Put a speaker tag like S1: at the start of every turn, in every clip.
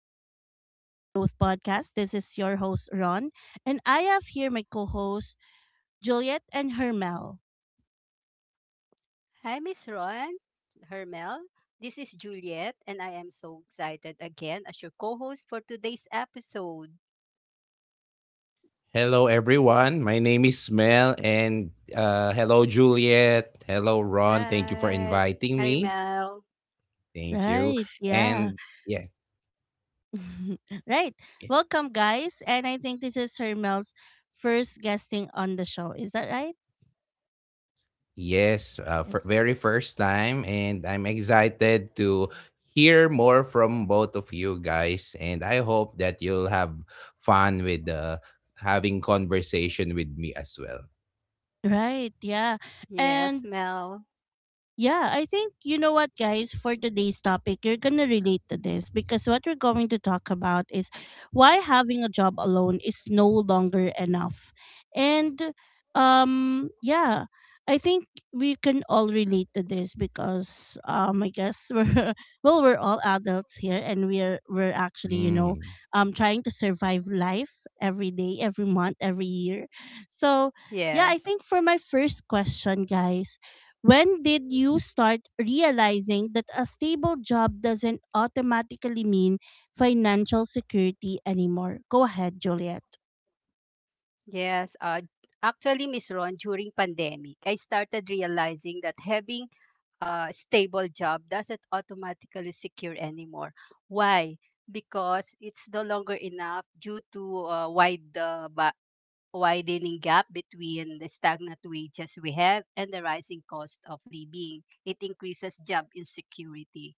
S1: Welcome to Unfiltered Growth Podcast. This is your host, Ron, and I have here my co hosts, Juliet and Hermel.
S2: Hi, Miss Ron, Hermel. This is Juliet, and I am so excited again as your co host for today's episode.
S3: Hello, everyone. My name is Mel, and hello, Juliet. Hello, Ron. Thank you for
S2: Hi.
S3: inviting
S2: Hi,
S3: me.
S2: Mel.
S3: Thank you.
S1: Right, yeah.
S3: And yeah,
S1: Right.
S3: y-
S1: Welcome, guys. And I think this is Hermel's first guesting on the show. Is that right?
S3: yes, for
S1: Yes.
S3: very first time, and I'm excited to hear more from both of you guys. And I hope that you'll have fun with having conversation with me as well.
S1: Right, yeah.
S2: Yes,
S1: And
S2: Mel.
S1: Yeah, I think you know what, guys, for today's topic, you're going to relate to this because what we're going to talk about is why having a job alone is no longer enough. And um yeah, I think we can all relate to this because I guess we're all adults here and we're actually, you know,
S3: Mm,
S1: trying to survive life every day, every month, every year. So, yeah, I think
S2: Yes.
S1: for my first question, guys, when did you start realizing that a stable job doesn't automatically mean financial security anymore? Go ahead, Juliet.
S2: Yes. Actually, Miss Ron, during pandemic, I started realizing that having a stable job doesn't automatically secure anymore. Why? Because it's no longer enough due to wide the widening gap between the stagnant wages we have and the rising cost of living. It increases job insecurity,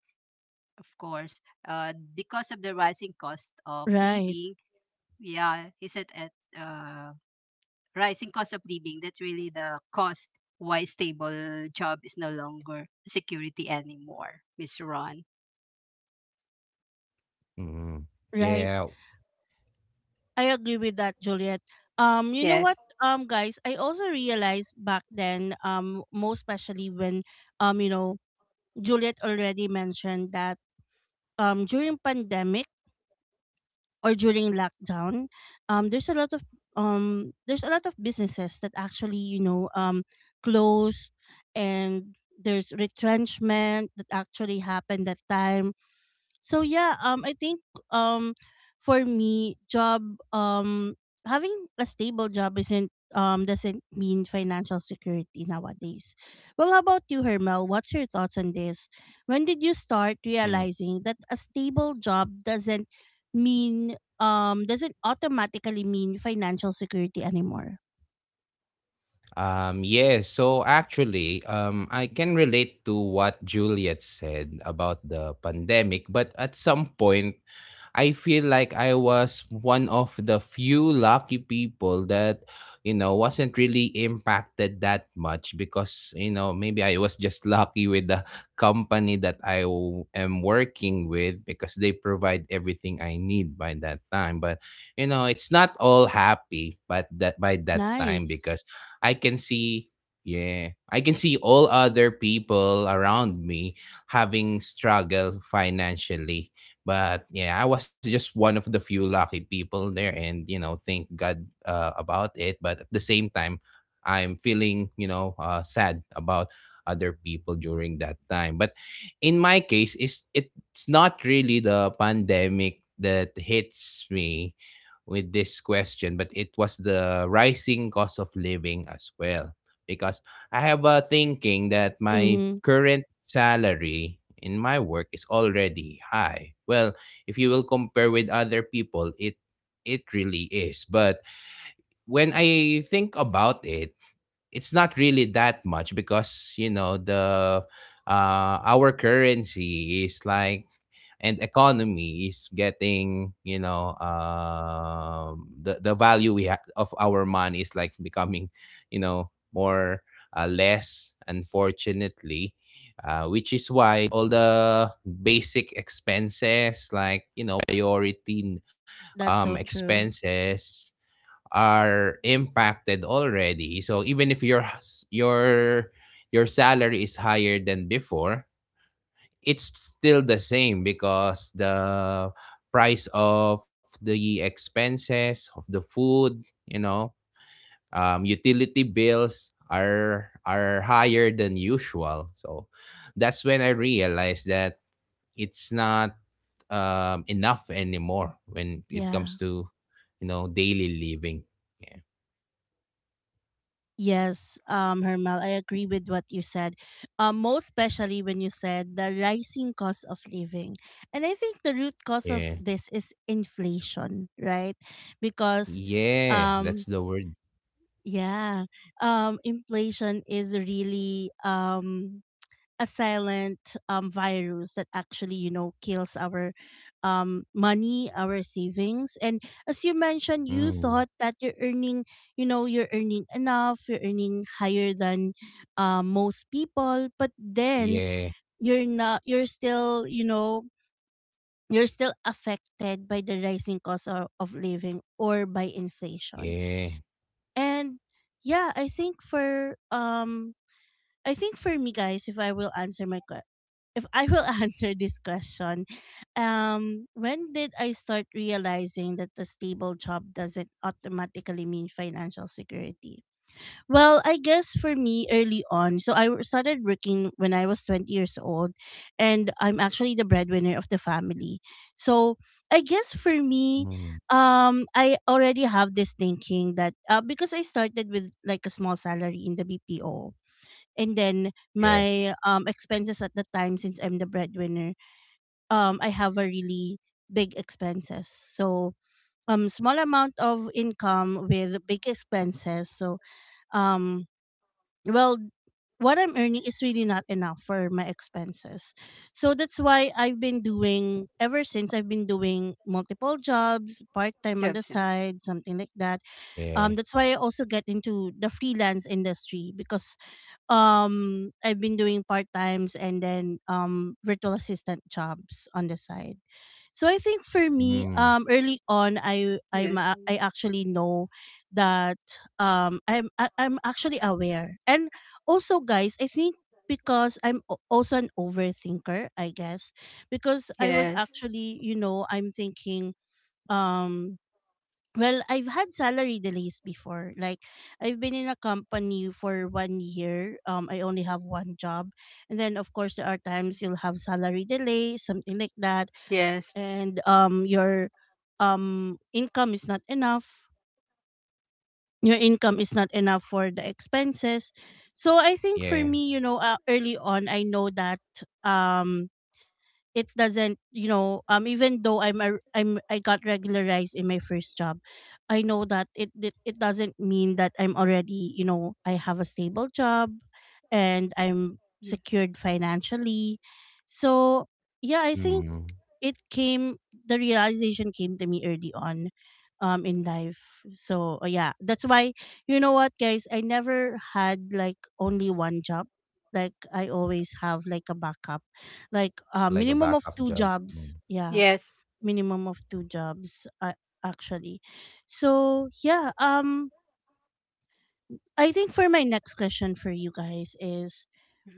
S2: of course, because of the rising cost of
S1: Right,
S2: living. Yeah, is it at uh, rising cost of living? That's really the cost why stable job is no longer security anymore, Miss Ron.
S3: mm,
S1: right.
S3: yeah.
S1: I agree with that, Juliet. You know
S2: Yes,
S1: what, guys, I also realized back then, most especially when, you know, Juliet already mentioned that, during pandemic, or during lockdown, um, there's a lot of there's a lot of businesses that actually closed, and there's retrenchment that actually happened that time. So yeah, I think um for me job um having a stable job isn't doesn't mean financial security nowadays. Well, how about you, Hermel? What's your thoughts on this? When did you start
S3: Mm.
S1: realizing that a stable job doesn't mean doesn't automatically mean financial security anymore?
S3: Yes. So actually, I can relate to what Juliet said about the pandemic, but at some point, I feel like I was one of the few lucky people that wasn't really impacted that much because maybe I was just lucky with the company that am working with, because they provide everything I need by that time. But it's not all happy but that by that time,
S1: Nice.
S3: because I can see yeah I can see all other people around me having struggled financially. But yeah, I was just one of the few lucky people there, and thank God about it. But at the same time, I'm feeling sad about other people during that time. But in my case, it's not really the pandemic that hits me with this question, but it was the rising cost of living as well. Because I have a thinking that my
S1: Mhm.
S3: current salary in my work is already high. Well, if you will compare with other people, it really is. But when I think about it, it's not really that much, because the our currency is like, and economy is getting, the value we have of our money is like becoming, more less, unfortunately, which is why all the basic expenses like priority
S1: That's so true.
S3: expenses are impacted already. So even if your s- your salary is higher than before, it's still the same, because the price of the expenses of the food, you know, utility bills are higher than usual. So that's when I realized that it's not enough anymore when it comes
S1: Yeah.
S3: to daily living. Yeah.
S1: Yes, Hermel, I agree with what you said. Most especially when you said the rising cost of living. And I think the root cause of
S3: Yeah.
S1: this is inflation, right? Because
S3: Yeah, that's
S1: um
S3: the word.
S1: yeah, Inflation is really a silent virus that actually you know kills our money, our savings. And as you mentioned, you
S3: Mm.
S1: thought that you're earning, you know, you're earning enough, you're earning higher than most people, but then
S3: Yeah,
S1: you're not, you're still, you know, you're still affected by the rising cost of living, or by inflation.
S3: yeah.
S1: And yeah I think for I think for me, guys, if I will answer my que- if I will answer this question, when did I start realizing that a stable job doesn't automatically mean financial security? Well, I guess for me, early on, so started working when I was 20 years old, and I'm actually the breadwinner of the family. So I guess for me,
S3: Mm.
S1: I already have this thinking that because I started with like a small salary in the BPO, and then
S3: Yeah,
S1: my expenses at the time, since I'm the breadwinner, I have a really big expenses. So small amount of income with big expenses. So um well what I'm earning is really not enough for my expenses. So that's why ever since I've been doing multiple jobs, part time on the
S2: jobs.
S1: side, something like that.
S3: yeah.
S1: That's why I also get into the freelance industry because I've been doing part times and then virtual assistant jobs on the side. So I think for me,
S3: Mm.
S1: early on
S2: Yes,
S1: I actually know that I'm actually aware. And also guys, I think because also an overthinker, I guess, because I was
S2: yes,
S1: actually, you know, I'm thinking, um I've had salary delays before. Like I've been in a company for 1 year. I only have one job. And then of course there are times you'll have salary delay, something like that.
S2: yes,
S1: And your income is not enough. Your income is not enough for the expenses. So I think for
S3: Yeah.
S1: me, you know, early on I know that um it doesn't, you know, even though I'm a, I'm I got regularized in my first job, I know that it doesn't mean that I'm already, you know, I have a stable job and I'm secured financially. So yeah, I think
S3: Mm.
S1: it came, the realization came to me early on in life. So yeah, that's why, you know what guys, I never had like only one job, like I always have like a backup, like a
S3: Like a
S1: minimum of
S3: backup
S1: two
S3: job. Mm.
S1: jobs,
S2: yes,
S1: yeah,
S2: yes, yes.
S1: minimum of two jobs, actually. So yeah, I think for my next question for you guys is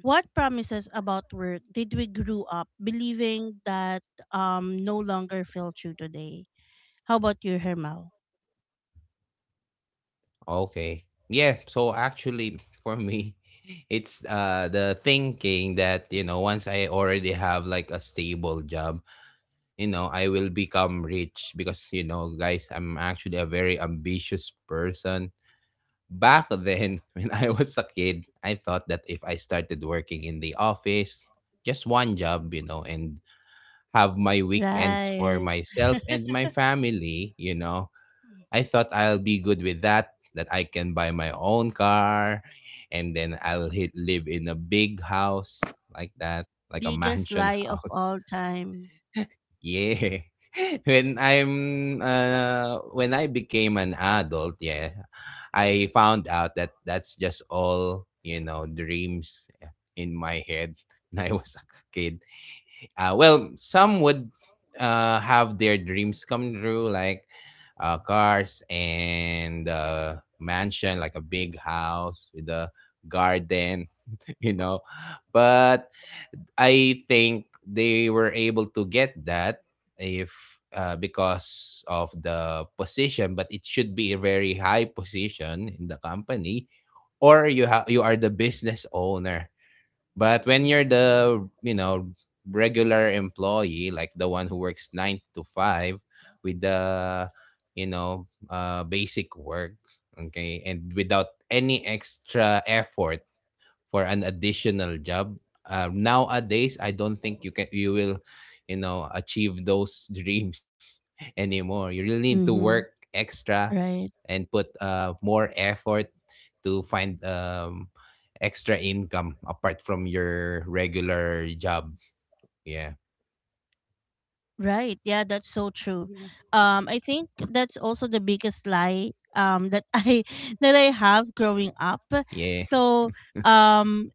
S1: what promises about work did we grew up believing that no longer feel true today? How about you, Hermal?
S3: Okay. Yeah, so actually for me, it's the thinking that once I already have like a stable job, you know, I will become rich, because guys, I'm actually a very ambitious person. Back then, when I was a kid, I thought that if I started working in the office, just one job, and have my weekends for
S1: Right.
S3: myself and my family, I thought I'll be good with that, that I can buy my own car and then live in a big house like that, like a
S1: Biggest
S3: mansion
S1: lie of
S3: house.
S1: all time.
S3: Yeah. When I became an adult, yeah, I found out that that's just all, dreams, in my head when I was a kid. Well, some would have their dreams come true, like cars and mansion, like a big house with a garden, you know. But I think they were able to get that if because of the position, but it should be a very high position in the company, or you are the business owner. But when you're the regular employee, like the one who works nine to five with the you know basic work, okay, and without any extra effort for an additional job, nowadays, I don't think you will, achieve those dreams anymore. You really need to
S1: Mm-hmm.
S3: work extra
S1: Right.
S3: and put more effort to find extra income apart from your regular job. Yeah.
S1: Right. Yeah, that's so true. I think that's also the biggest lie that I that I have growing up.
S3: Yeah.
S1: So um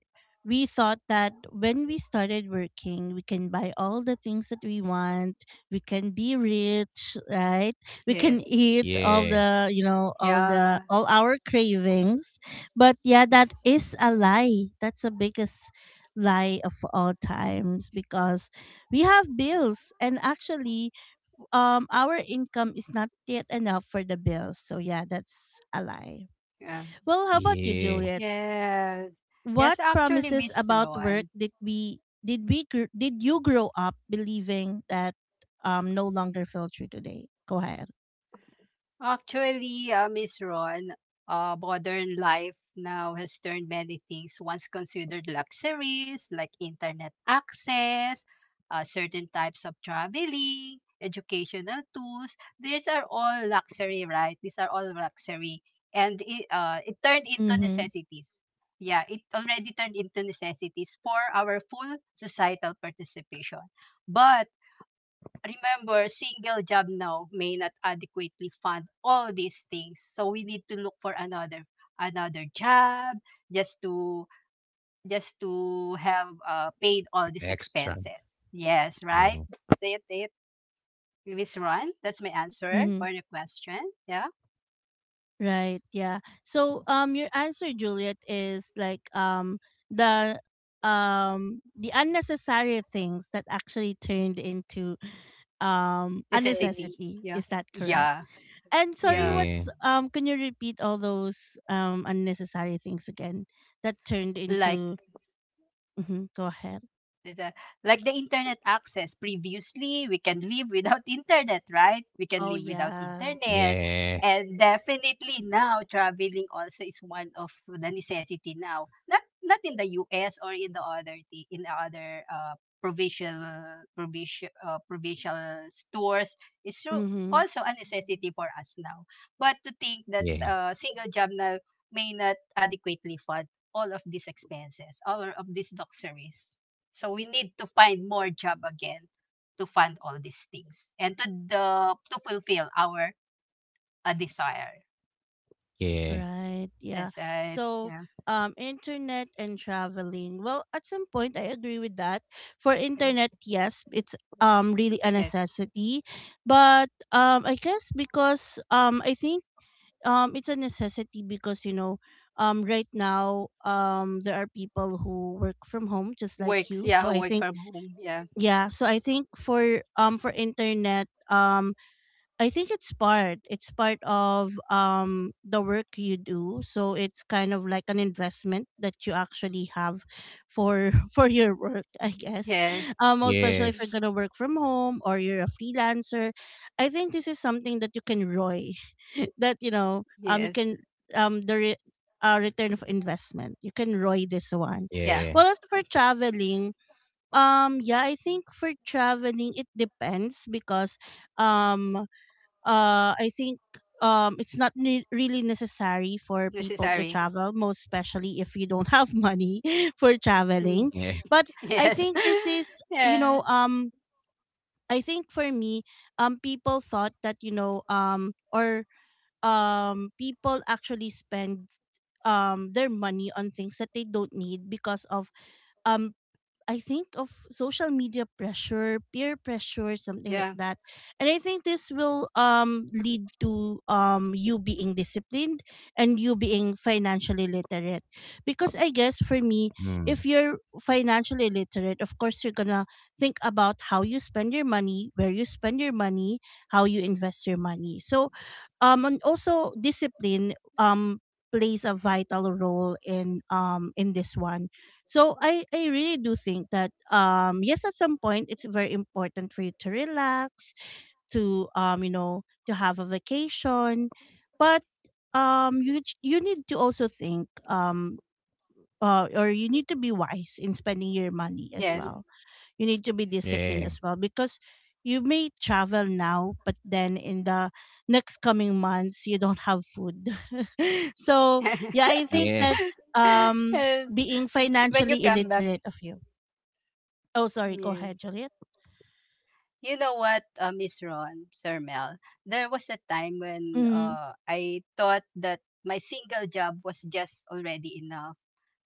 S1: we thought that when we started working we can buy all the things that we want, we can be rich, right, we can eat all
S3: Yeah.
S1: the, you know,
S2: Yeah.
S1: all our cravings. But yeah,
S2: Yes.
S1: that is a lie. That's the biggest lie of all times because we have bills, and actually, our income is not yet enough for the bills. So yeah, that's a lie.
S2: Yeah.
S1: Well, how about you,
S3: Yeah.
S1: Juliet?
S2: Yes. Yes,
S1: What
S2: actually,
S1: promises
S2: Miss
S1: about work
S2: Ron.
S1: did you grow up believing that no longer feel true today? Go ahead.
S2: Actually, Miss Ron, modern life now has turned many things once considered luxuries like internet access, certain types of traveling, educational tools. These are all luxury, right? These are all luxury. And it turned into
S1: Mhm.
S2: necessities. Yeah, it already turned into necessities for our full societal participation. But remember, single job now may not adequately fund all these things. So we need to look for another job just to just to have paid all these
S3: Extra.
S2: expenses. Yes, right?
S3: Yeah.
S2: Say it, it. Miss Ron, that's my answer
S1: Mhm.
S2: for the question. Yeah.
S1: Right. Yeah. So your answer, Juliet, is like the the unnecessary things that actually turned into a
S2: Necessity.
S1: necessity.
S2: Yeah.
S1: Is that correct?
S2: Yeah.
S1: And sorry,
S2: Yeah.
S3: Yeah.
S1: what's, can you repeat all those unnecessary things again that turned
S2: Like
S1: into, mhm, go ahead.
S2: the- like the internet access, previously we can live without internet, right? We can
S1: Oh
S2: live without
S1: yeah.
S2: internet.
S3: Yeah.
S2: And definitely now traveling also is one of the necessity now, not in the US or in the other t- in the other provincial provincial provincial stores. It's true, also a necessity for us now. But to think that
S3: Yeah.
S2: single job now may not adequately fund all of these expenses, all of these luxuries. So we need to find more job again to fund all these things, and to the to fulfill our desire.
S3: Yeah.
S1: Right.
S2: Yes,
S1: Yeah.
S2: right.
S1: So,
S2: Yeah,
S1: internet and traveling. Well, at some point, I agree with that. For internet,
S2: yeah.
S1: yes, it's really a
S2: Yes.
S1: necessity, but I guess because I think it's a necessity because, you know, right now, there are people who work from home just like
S2: Works.
S1: you.
S2: Yeah,
S1: So I
S2: work
S1: think,
S2: from home. Yeah.
S1: yeah. So I think for internet, I think it's part. It's part of the work you do. So it's kind of like an investment that you actually have for for your work, I guess.
S2: Yes.
S1: Um, especially if you're
S3: Yes.
S1: gonna work from home or you're a freelancer. I think this is something that you can roy. That, you know, you
S2: Yes.
S1: can, um the re- return of investment. You can roy this one.
S2: Yeah.
S1: Well,
S3: Yeah.
S1: as for traveling, yeah, I think for traveling it depends because um I think it's not really necessary for people to
S2: Necessary.
S1: travel, most especially if you don't have money for
S2: Hmm.
S1: traveling.
S3: Yeah.
S1: But I
S2: Yes.
S1: think this is, you
S2: yeah.
S1: know, I think for me, people thought that, you know, or people actually spend their money on things that they don't need because of, um I think, of social media pressure, peer pressure, something
S2: Yeah.
S1: like that. And I think this will lead to you being disciplined and you being financially literate. Because I guess for me,
S3: Mm.
S1: if you're financially literate, of course you're gonna think about how you spend your money, where you spend your money, how you invest your money. So and also discipline plays a vital role in this one. So I really do think that yes, at some point it's very important for you to relax, to, you know, to have a vacation, but you need to also think, or you need to be wise in spending your money as
S2: Yes.
S1: well, you need to be disciplined
S3: Yeah.
S1: as well, because you may travel now but then in the next coming months you don't have food so
S2: Yes.
S1: yeah, I think
S3: Yeah.
S1: that's
S2: yes.
S1: being
S2: When you
S1: financially
S2: come back.
S1: illiterate of you. Oh sorry, go ahead,
S2: Yes.
S1: Juliet.
S2: You know what, Miss Ron, Sir Mel, there was a time when
S1: Mm,
S2: I thought that my single job was just already enough,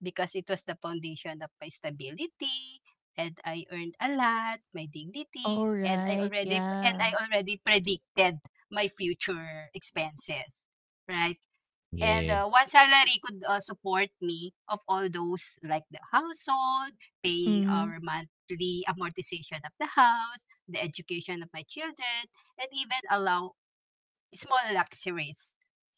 S2: because it was the foundation of my stability, and I earned a lot, my dignity,
S1: all
S2: and I
S1: right,
S2: already and
S1: yeah.
S2: I already predicted my future expenses. Right? And
S3: Yeah.
S2: one salary could support me of all those, like the household, paying
S1: Mm-hmm,
S2: our monthly amortization of the house, the education of my children, and even allow small luxuries.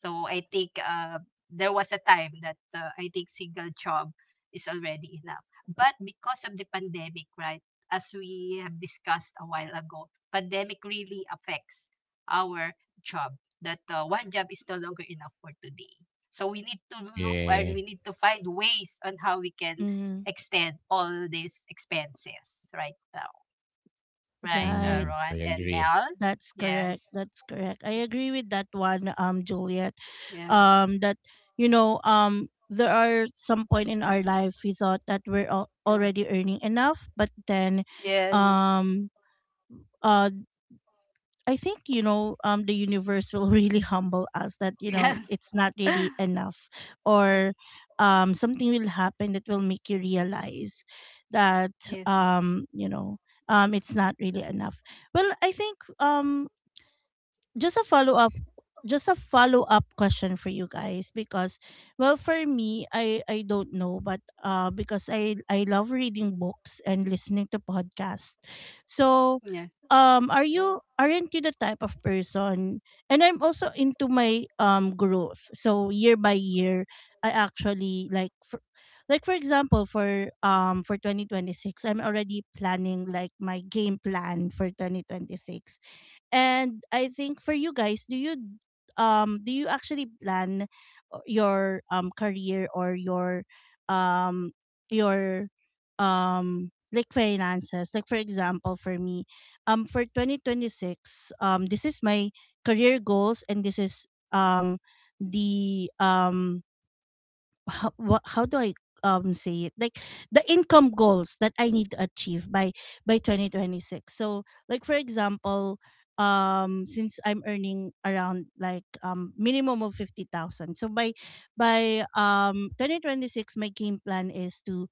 S2: So I think there was a time that I think single job is already enough. But because of the pandemic, right, as we have discussed a while ago, pandemic really affects our job. That one job is no longer enough for today. So we need to look, or
S3: Yeah.
S2: we need to find ways on how we can
S1: mm-hmm.
S2: extend all these expenses right now. Right,
S1: Right.
S3: Mm, I
S2: Ron and
S3: agree.
S2: Mel?
S1: That's correct.
S2: Yes.
S1: That's correct. I agree with that one, Juliet.
S2: Yeah.
S1: That, you know, there are some point in our life we thought that
S2: Yeah.
S1: already earning enough, but then,
S2: Yes.
S1: um, uh, I think, you know, the universe will really humble us that you know
S2: Yeah.
S1: it's not really enough,
S2: Yeah.
S1: or, something will happen that will make you realize that,
S2: Yes.
S1: you know, it's not really enough. Well, I think just a follow up just a follow up question for you guys because, well, for me, I don't know, but because I love reading books and listening to podcasts. So
S2: Yeah.
S1: are you, aren't you the type of person, and I'm also into my growth. So year by year I actually like like for example for 2026, I'm already planning like my game plan for 2026. And I think for you guys, do you actually plan your career or your um your like finances? Like for example, for me, for 2026, this is my career goals, and this is um the how, what, how do I say it, like the income goals that I need to achieve by 2026. So like for example, since I'm earning around like minimum of 50,000. So by 2026 my game plan is to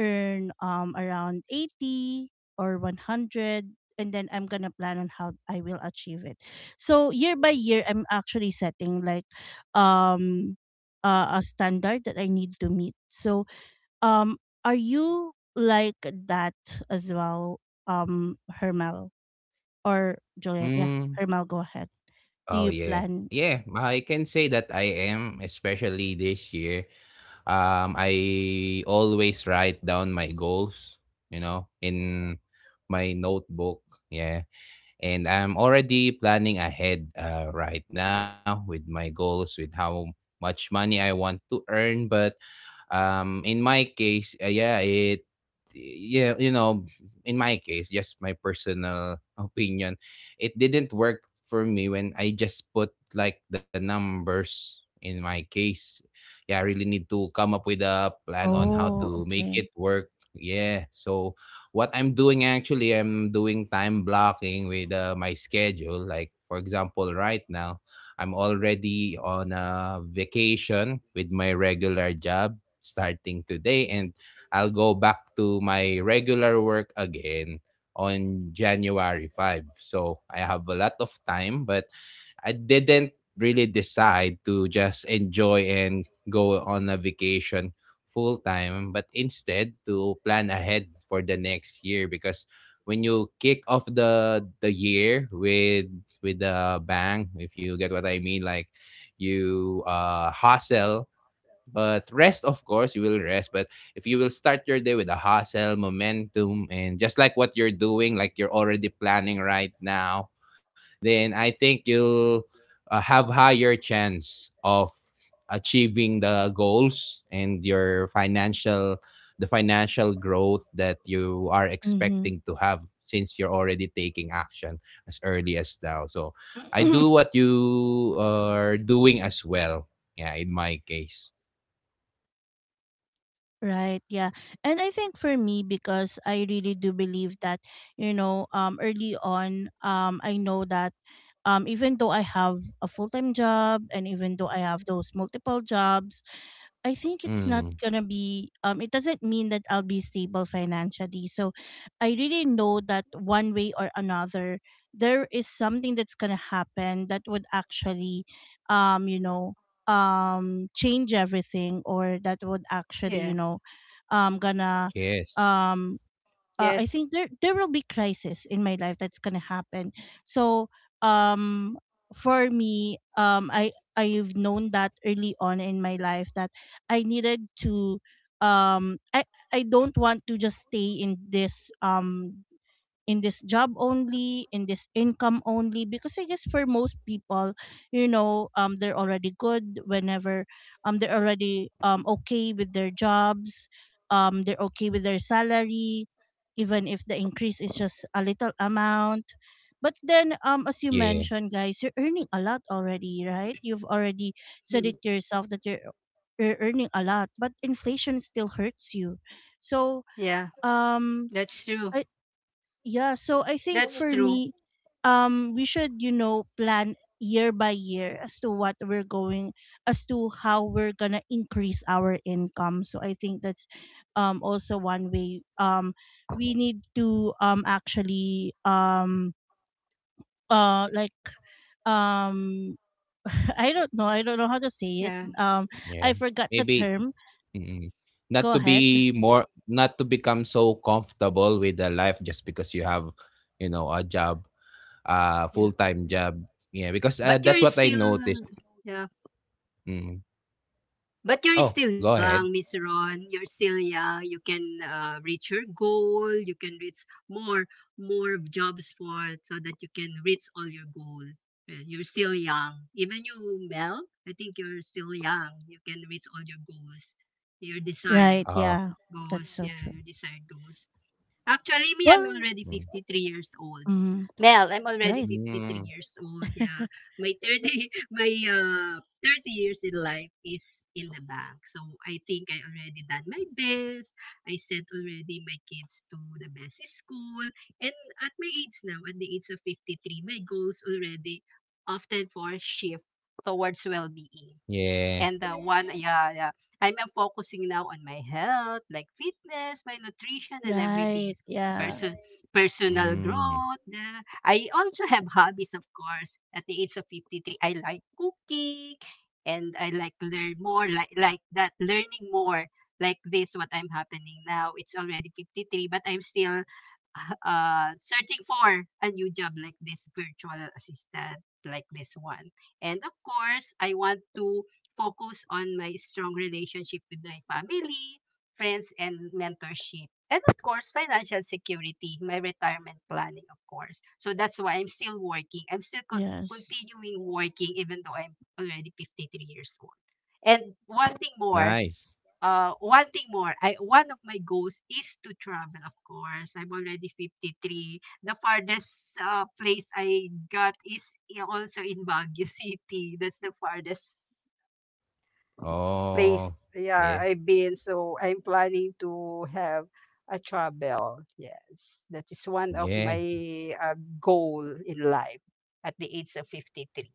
S1: earn around 80 or 100, and then I'm going to plan on how I will achieve it. So year by year I'm actually setting like um a standard that I need to meet. So, um, are you like that as well, Hermel or Juliet? Yeah,
S3: Mm.
S1: Hermel, go ahead. Do
S3: Oh
S1: you
S3: yeah.
S1: plan?
S3: Yeah, I can say that I am, especially this year. I always write down my goals, in my notebook. Yeah. And I'm already planning ahead right now with my goals, with how much money I want to earn. But in my case, yeah, yeah, in my case, just my personal opinion, it didn't work for me when I just put like the numbers in my case. Yeah, I really need to come up with a plan on how
S1: Oh,
S3: to make it
S1: okay.
S3: work. Yeah, so what I'm doing actually, I'm doing time blocking with my schedule. Like, for example, right now, I'm already on a vacation with my regular job starting today, and I'll go back to my regular work again on January 5. So I have a lot of time, but I didn't really decide to just enjoy and go on a vacation full time, but instead to plan ahead for the next year. Because when you kick off the year with a bang, if you get what I mean, like you hustle but rest, of course, you will rest. But if you will start your day with a hustle, momentum, and just like what you're doing, like you're already planning right now, then I think you'll have higher chance of achieving the goals and your financial the financial growth that you are
S1: Mm-hmm.
S3: expecting to have, since you're already taking action as early as now. So I do what you are doing as well. Yeah, in my case.
S1: Right, yeah. And I think for me, because I really do believe that, you know, early on, I know that even though I have a full-time job and even though I have those multiple jobs, I think it's not
S3: Mm,
S1: gonna be it doesn't mean that I'll be stable financially. So I really know that one way or another there is something that's gonna happen that would actually you know, change everything, or that would actually, you
S2: Yes.
S1: know, gonna
S3: yes.
S1: um I
S2: Yes.
S1: think there will be crisis in my life that's gonna happen. So um for me, I've known that early on in my life that I needed to um I I don't want to just stay in this job only, in this income only. Because I guess for most people, you know, they're already good whenever they're already okay with their jobs, they're okay with their salary, even if the increase is just a little amount. But then, as you
S3: Yeah,
S1: mentioned, guys, you're earning a lot already, right? You've already said
S2: Hmm.
S1: it yourself that you're earning a lot, but inflation still hurts you. So,
S2: Yeah.
S1: um,
S2: That's true.
S1: I, yeah, so I think
S2: That's
S1: for
S2: true.
S1: me, we should, you know, plan year by year as to what we're going, as to how we're gonna increase our income. So I think that's, also one way. We need to, actually, like, um, I don't know how to say it.
S2: Yeah.
S1: Um, I
S3: yeah.
S1: forgot the
S3: Maybe,
S1: term.
S3: mm,
S1: Go ahead.
S3: not to become so comfortable with the life just because you have, a job, a
S2: Yeah.
S3: full-time job. Yeah, because
S2: But
S3: that's
S2: you're
S3: what I
S2: still
S3: noticed.
S2: yeah.
S3: Mm.
S2: But
S3: Oh,
S2: you're
S3: go
S2: still
S3: ahead.
S2: young, Miss Ron. You're still young. You can reach your goal. You can reach more more jobs for, so that you can reach all your goal. Well, you're still young. Even you, Mel, I think you're still young. You can reach all your goals, your desired
S1: Right.
S3: Oh.
S1: Yeah, that's
S2: goals.
S1: so
S2: Yeah,
S1: true.
S2: your desired goals. Actually, me, I'm
S1: Well,
S2: already
S3: Mm.
S2: 53 years old.
S1: mm,
S2: Mel, I'm already
S1: right.
S2: fifty three
S3: Mm,
S2: years old. Yeah. My 30 my 30 years in life is in the bank. So I think I already done my best. I sent already my kids to the best school. And at my age now, at the age of 53, my goals already often for shift towards well-being.
S3: yeah.
S2: And the one, yeah, yeah. I'm focusing now on my health, like fitness, my nutrition, and everything.
S1: Right. Yeah.
S2: person personal
S3: Mm,
S2: growth. I also have hobbies, of course. At the age of 53, I like cooking and I like to learn more, like that, learning more, like this, what I'm happening now. It's already 53, but I'm still searching for a new job like this virtual assistant, like this one. And of course, I want to focus on my strong relationship with my family, friends, and mentorship. And of course, financial security, my retirement planning, of course. So that's why I'm still working. I'm still co-
S1: Yes.
S2: continuing working even though I'm already 53 years old. And
S3: nice.
S2: one thing more, I one of my goals is to travel, of course. I'm already 53. The farthest place I got is also in Baguio City. That's the farthest place
S3: Oh,
S2: yeah
S3: yeah.
S2: I've been. So I'm planning to have a travel. Yes, that is one of
S3: Yeah.
S2: my goal in life at the age of 53.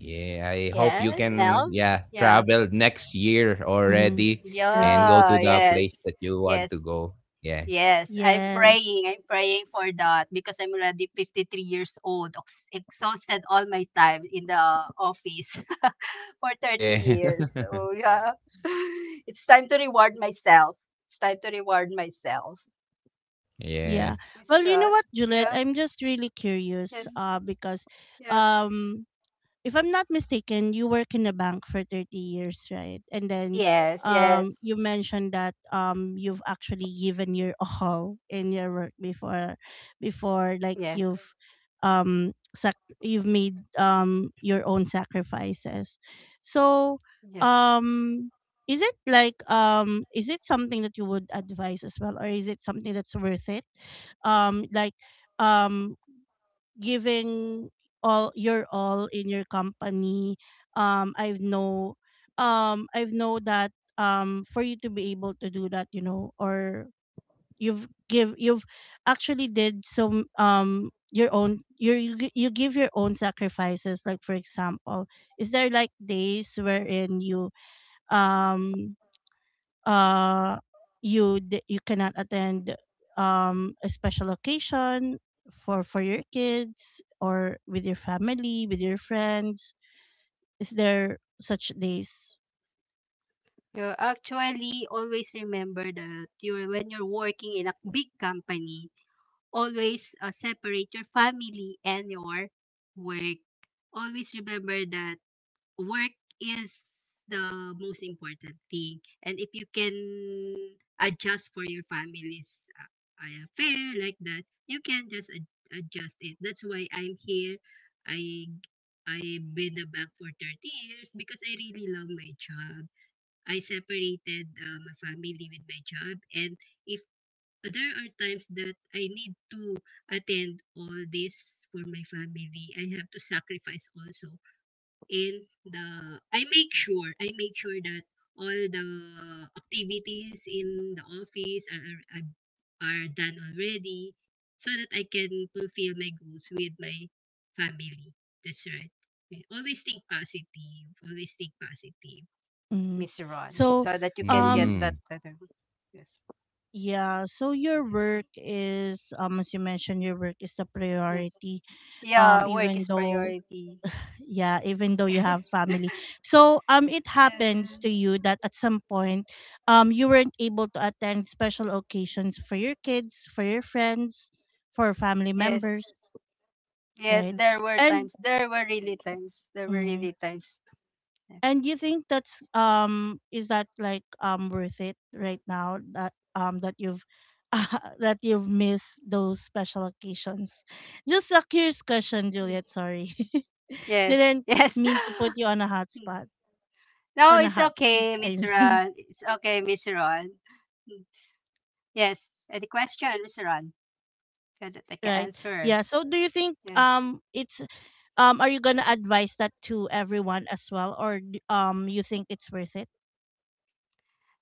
S3: Yeah, I hope you
S2: Yes,
S3: can,
S2: Mel?
S3: yeah,
S2: Yeah.
S3: travel next year
S1: Mhm.
S3: already and
S1: Right.
S3: go
S2: Yeah,
S3: to the
S2: yes.
S3: place that you
S2: Yes.
S3: want to go. Yeah.
S2: Yes, I'm
S1: Yes.
S2: praying. I'm praying for that because I'm already 53 years old, exhausted all my time in the office for 30
S3: Yeah.
S2: years. So, yeah, it's time to reward myself. It's time to reward myself.
S1: Yeah.
S2: Yes,
S3: Yeah.
S2: Miss
S1: Well, you
S2: Ron.
S1: know what, Juliet?
S2: Yeah,
S1: I'm just really curious,
S2: yes,
S1: uh, because
S2: yeah.
S1: um if I'm not mistaken, you work in a bank for 30 years, right? And then
S2: Yes, yes,
S1: you mentioned that you've actually given your all in your work before, like
S2: yes,
S1: you've you've made your own sacrifices. So,
S2: yes.
S1: um, is it like is it something that you would advise as well, or is it something that's worth it? Like um giving all your all in your company. Um I've know I've know that for you to be able to do that, you know, or you've actually did some, your own, you give your own sacrifices. Like, for example, is there like days wherein you um uh you cannot attend a special occasion for your kids, or with your family, with your friends? Is there such days?
S2: You actually always remember that you're when you're working in a big company, always separate your family and your work. Always remember that work is the most important thing. And if you can adjust for your family's affair like that, you can just adjust it. That's why I'm here. I I've been a bank for 30 years because I really love my job. I separated my family with my job. And if, but there are times that I need to attend all this for my family. I have to sacrifice also. In the, I make sure that all the activities in the office are done already, so that I can fulfill my goals with my family. That's right. Okay. Always think positive. Always think positive,
S1: Hmm.
S2: Miss Ron,
S1: So
S2: so that you can get
S1: um
S2: that
S3: Mm,
S2: better. Yes.
S1: yeah, so your
S2: Yes.
S1: work is, as you mentioned, your work is the
S2: Yes.
S1: priority,
S2: Yeah, work
S1: even
S2: is
S1: though
S2: priority.
S1: yeah even though you have family. So it
S2: Yeah.
S1: happens to you that at some point you weren't able to attend special occasions for your kids, for your friends, for family
S2: Yes.
S1: members.
S2: Yes,
S1: Right.
S2: there were times.
S1: And
S2: There were really times. There were really
S1: mm,
S2: times.
S1: and you think that's, is that like worth it right now that that you've that you've missed those special occasions? Just a curious question,
S2: Yeah,
S1: Juliet, sorry.
S2: yes.
S1: Didn't
S2: Yes. Yes.
S1: mean to put you on a hot spot,
S2: No,
S1: on
S2: it's
S1: a hot
S2: okay,
S1: seat,
S2: Miss
S1: I
S2: Ron.
S1: mean.
S2: It's okay, Miss Ron. Mm. Yes. Any question, Miss Ron? That I can
S1: Right.
S2: answer.
S1: Yeah, so do you think
S2: Yeah.
S1: it's, are you gonna advise that to everyone as well, or you think it's worth it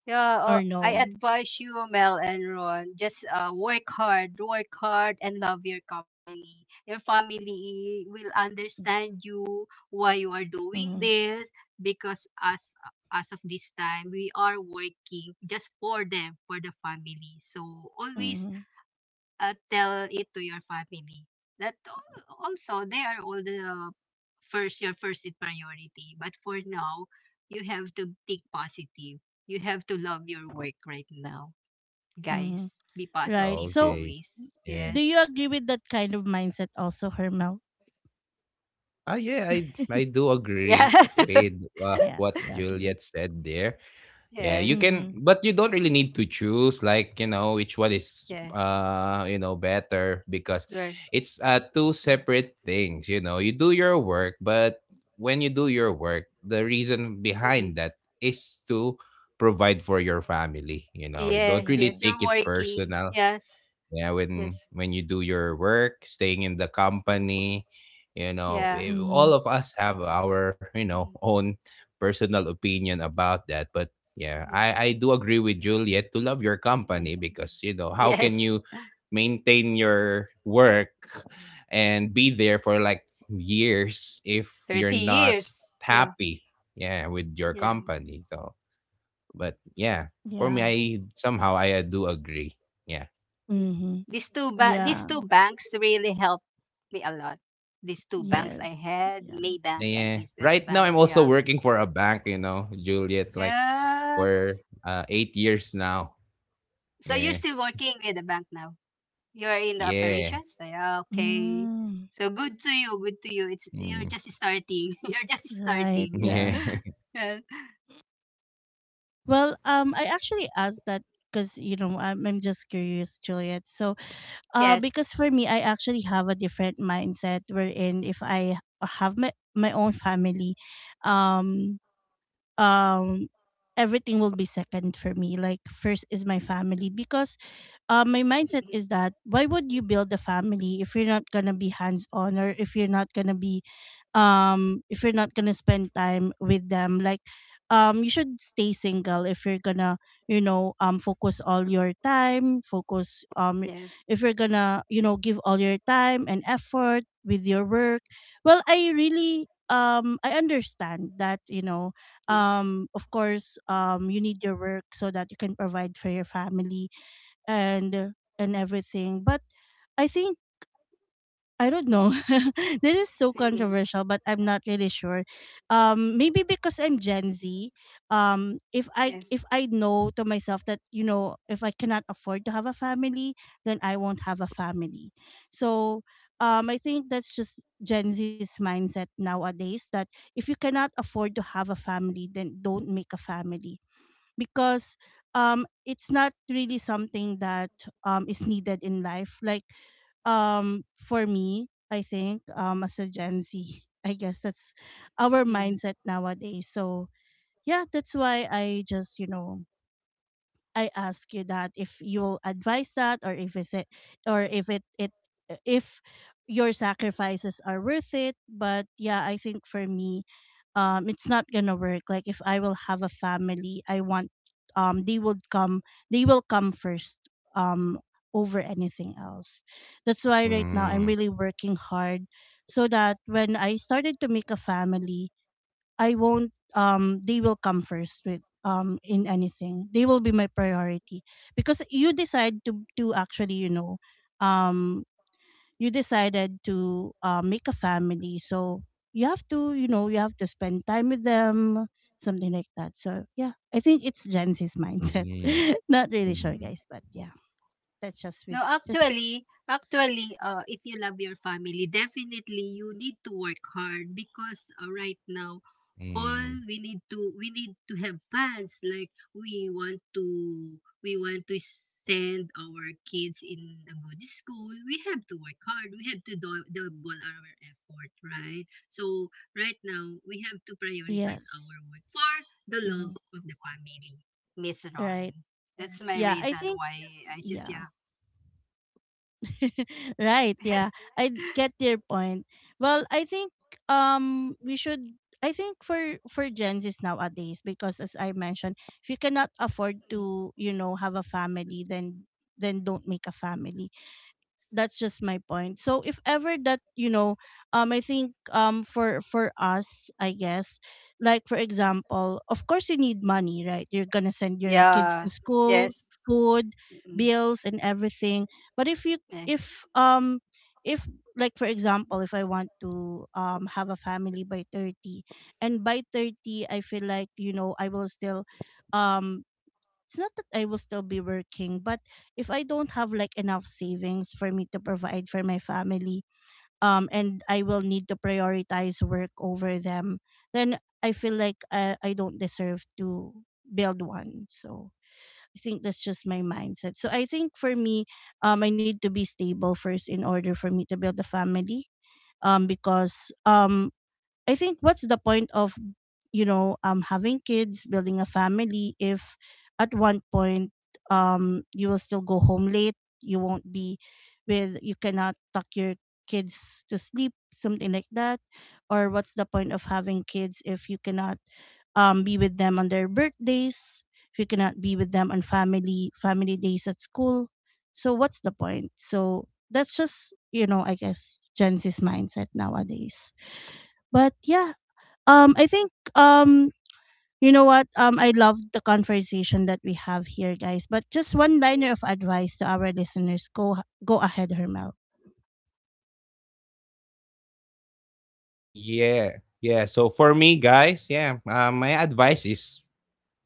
S2: Yeah,
S1: or
S2: I
S1: no?
S2: advise you, Mel and Ron, just work hard, and love your company. Your family will understand you why you are doing
S1: Mm-hmm.
S2: this, because as of this time, we are working just for them, for the family. So always
S1: Mm-hmm.
S2: tell it to your family that also they are all the first, your first in priority. But for now, you have to think positive, you have to love your work right now,
S1: Mm-hmm.
S2: guys. Be
S1: Right.
S2: positive
S1: So
S3: okay.
S2: always. Yes,
S1: do
S3: Yeah.
S1: you agree with that kind of mindset also, Hermel?
S3: Ah, yeah, I do
S2: yeah.
S3: agree with
S1: Yeah,
S3: what
S1: yeah, I
S3: Juliet
S1: agree.
S3: said there. Yeah, you
S2: Yes,
S3: can,
S1: Mm-hmm.
S3: but you don't really need to choose like, which one is
S2: yes,
S3: better, because
S2: you're,
S3: it's two separate things. You know, you do your work, but when you do your work, the reason
S2: mm-mm.
S3: behind that is to provide for your family. You know, you don't
S2: Yes,
S3: really
S2: yes,
S1: Yes.
S2: you're
S3: take it
S2: working.
S3: personal,
S2: Yes,
S3: yeah, when
S2: yes.
S3: when you do your work staying in the
S2: Mm.
S3: company,
S2: Yeah.
S3: all
S1: Mm-hmm.
S3: of us have our,
S2: Mm.
S3: own personal opinion about that. But yeah,
S2: Yes,
S3: I do agree with Juliet to love your company, because how can
S2: yes,
S3: you
S2: yes.
S3: maintain your work and be there for like years if
S2: 30
S3: you're not
S2: years. Yeah,
S3: happy, yeah, with your
S2: yeah.
S3: company? So but yeah, for me,
S1: Yeah.
S3: I do agree, yeah.
S2: Yeah.
S1: Mm-hmm.
S2: These two these
S1: Yeah.
S2: two banks really helped me a lot. These two banks I
S1: Yes.
S2: had,
S1: Yeah.
S2: Maybank and
S3: Yeah.
S2: East West
S3: Right now,
S2: Bank.
S3: I'm also
S2: Yeah.
S3: working for a bank, Juliet, like
S2: Uh,
S3: for 8 years now.
S2: so you're
S3: Yeah.
S2: still working with the bank now. You're in the
S3: Yeah.
S2: operations. Yeah. Okay.
S1: Mm,
S2: So good to you. Good to you. It's you're
S3: Mm.
S2: just starting. You're just starting.
S1: right.
S3: Yeah.
S2: Yeah.
S1: Yeah. Well, I actually asked that because, you know, I'm just curious, Juliet. So,
S2: Yeah.
S1: because for me, I actually have a different mindset wherein if I have my own family, um, um, everything will be second for me. Like first is my family, because my mindset is that why would you build a family if you're not gonna be hands on, or if you're not gonna be if you're not gonna spend time with them? Like you should stay single if you're gonna, you know, focus all your time focus
S2: Yes.
S1: if you're gonna, you know, give all your time and effort with your work. Well, I really I understand that, you know,
S2: Yes.
S1: of course you need your work so that you can provide for your family and everything. But I think I don't know. This is so
S2: Mm. Mm.
S1: controversial, but I'm not really sure. Maybe because I'm Gen Z.
S2: Yes.
S1: If I know to myself that, you know, if I cannot afford to have a family, then I won't have a family. So I think that's just Gen Z's mindset nowadays, that if you cannot afford to have a family, then don't make a family, because it's not really something that is needed in life. Like for me, I think, as a Gen Z, I guess that's our
S2: Mm.
S1: mindset nowadays. So yeah, that's why I just, you know, I ask you that, if you'll advise that, or if is it, or if it it if your sacrifices are worth it. But yeah, I think for me, it's not gonna work. Like if I will have a family, I want um they would come they will come first um over anything else. That's why right now I'm
S3: Mm.
S1: really working hard, so that when I started to make a family, I won't they will come first with in anything. They will be my priority, because you decide to actually, you know, um you decided to make a family. So you have to, you know, you have to spend time with them, something like that. So yeah, I think it's Gen Z's mindset.
S3: Mm.
S1: Not really
S3: Mm.
S1: sure, guys, but yeah. That's just with
S2: No,
S1: just
S2: actually, actually, if you love your family, definitely you need to work hard, because right now
S3: Mm.
S2: all we need to have funds. Like we want to send our kids in a good school. We have to work hard. We have to do, double our effort, right? So right now we have to prioritize our
S1: yes.
S2: work for the
S1: Hmm.
S2: love of the family, Miss
S1: Right.
S2: Ron. That's my
S1: Yeah, I
S2: reason
S1: think
S2: why I just
S1: yeah.
S2: yeah.
S1: Right, yeah. I get your point. Well, I think we should I think for Gen Z's nowadays, because as I mentioned, if you cannot afford to, you know, have a family, then don't make a family. That's just my point. So if ever that, you know, I think, for us, I guess, like, for example, of course you need money, right? You're gonna send your kids
S2: Yeah.
S1: to
S2: Yes.
S1: school, food,
S2: Mm, mm,
S1: bills, and everything. But if you
S2: yeah.
S1: if um if like, for example, if I want to have a family by 30, and by 30 I feel like, you know, I will still um it's not that I will still be working, but if I don't have like enough savings for me to provide for my family, and I will need to prioritize work over them, then I feel like I don't deserve to build one. So I think that's just my mindset. So I think for me, I need to be stable first in order for me to build a family. Because I think what's the point of, you know, having kids, building a family, if at one point you will still go home late, you won't be with you cannot tuck your kids to sleep, something like that. Or what's the point of having kids if you cannot be with them on their birthdays, if you cannot be with them on family days at school. So what's the point? So that's just, you know, I guess Gen Z's mindset nowadays. But yeah, I think, um, you know what? I love the conversation that we have here, guys. But just one liner of advice to our listeners: go ahead, Hermel.
S3: Yeah. Yeah. So for me, guys, yeah, my advice is,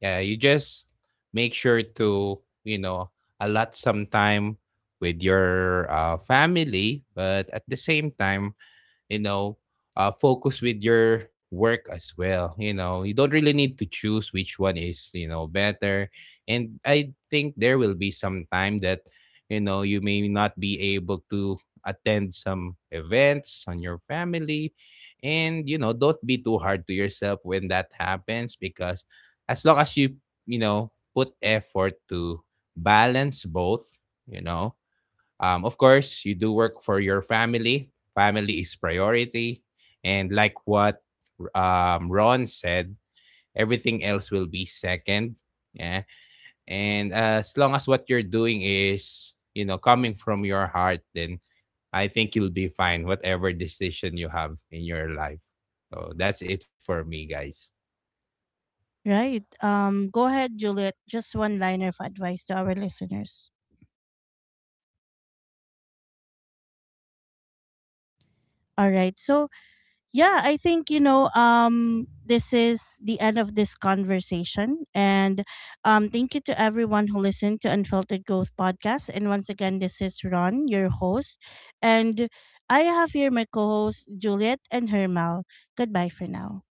S3: yeah, you just make sure to, you know, allot some time with your family, but at the same time, you know focus with your work as well. You know you don't really need to choose which one is, better. And I think there will be some time that, you may not be able to attend some events on your family, and, don't be too hard to yourself when that happens, because as long as you, you know put effort to balance both, you know of course, you do work for your family. Family is priority. And like what Ron said, everything else will be second. Yeah. And as long as what you're doing is, you know, coming from your heart, then I think you'll be fine, whatever decision you have in your life. So that's it for me, guys.
S1: Right. Go ahead, Juliet. Just one liner of advice to our listeners. All right. So yeah, I think, you know, this is the end of this conversation, and thank you to everyone who listened to Unfiltered Growth Podcast. And once again, this is Ron, your host, and I have here my co-host Juliet and Hermel. Goodbye for now.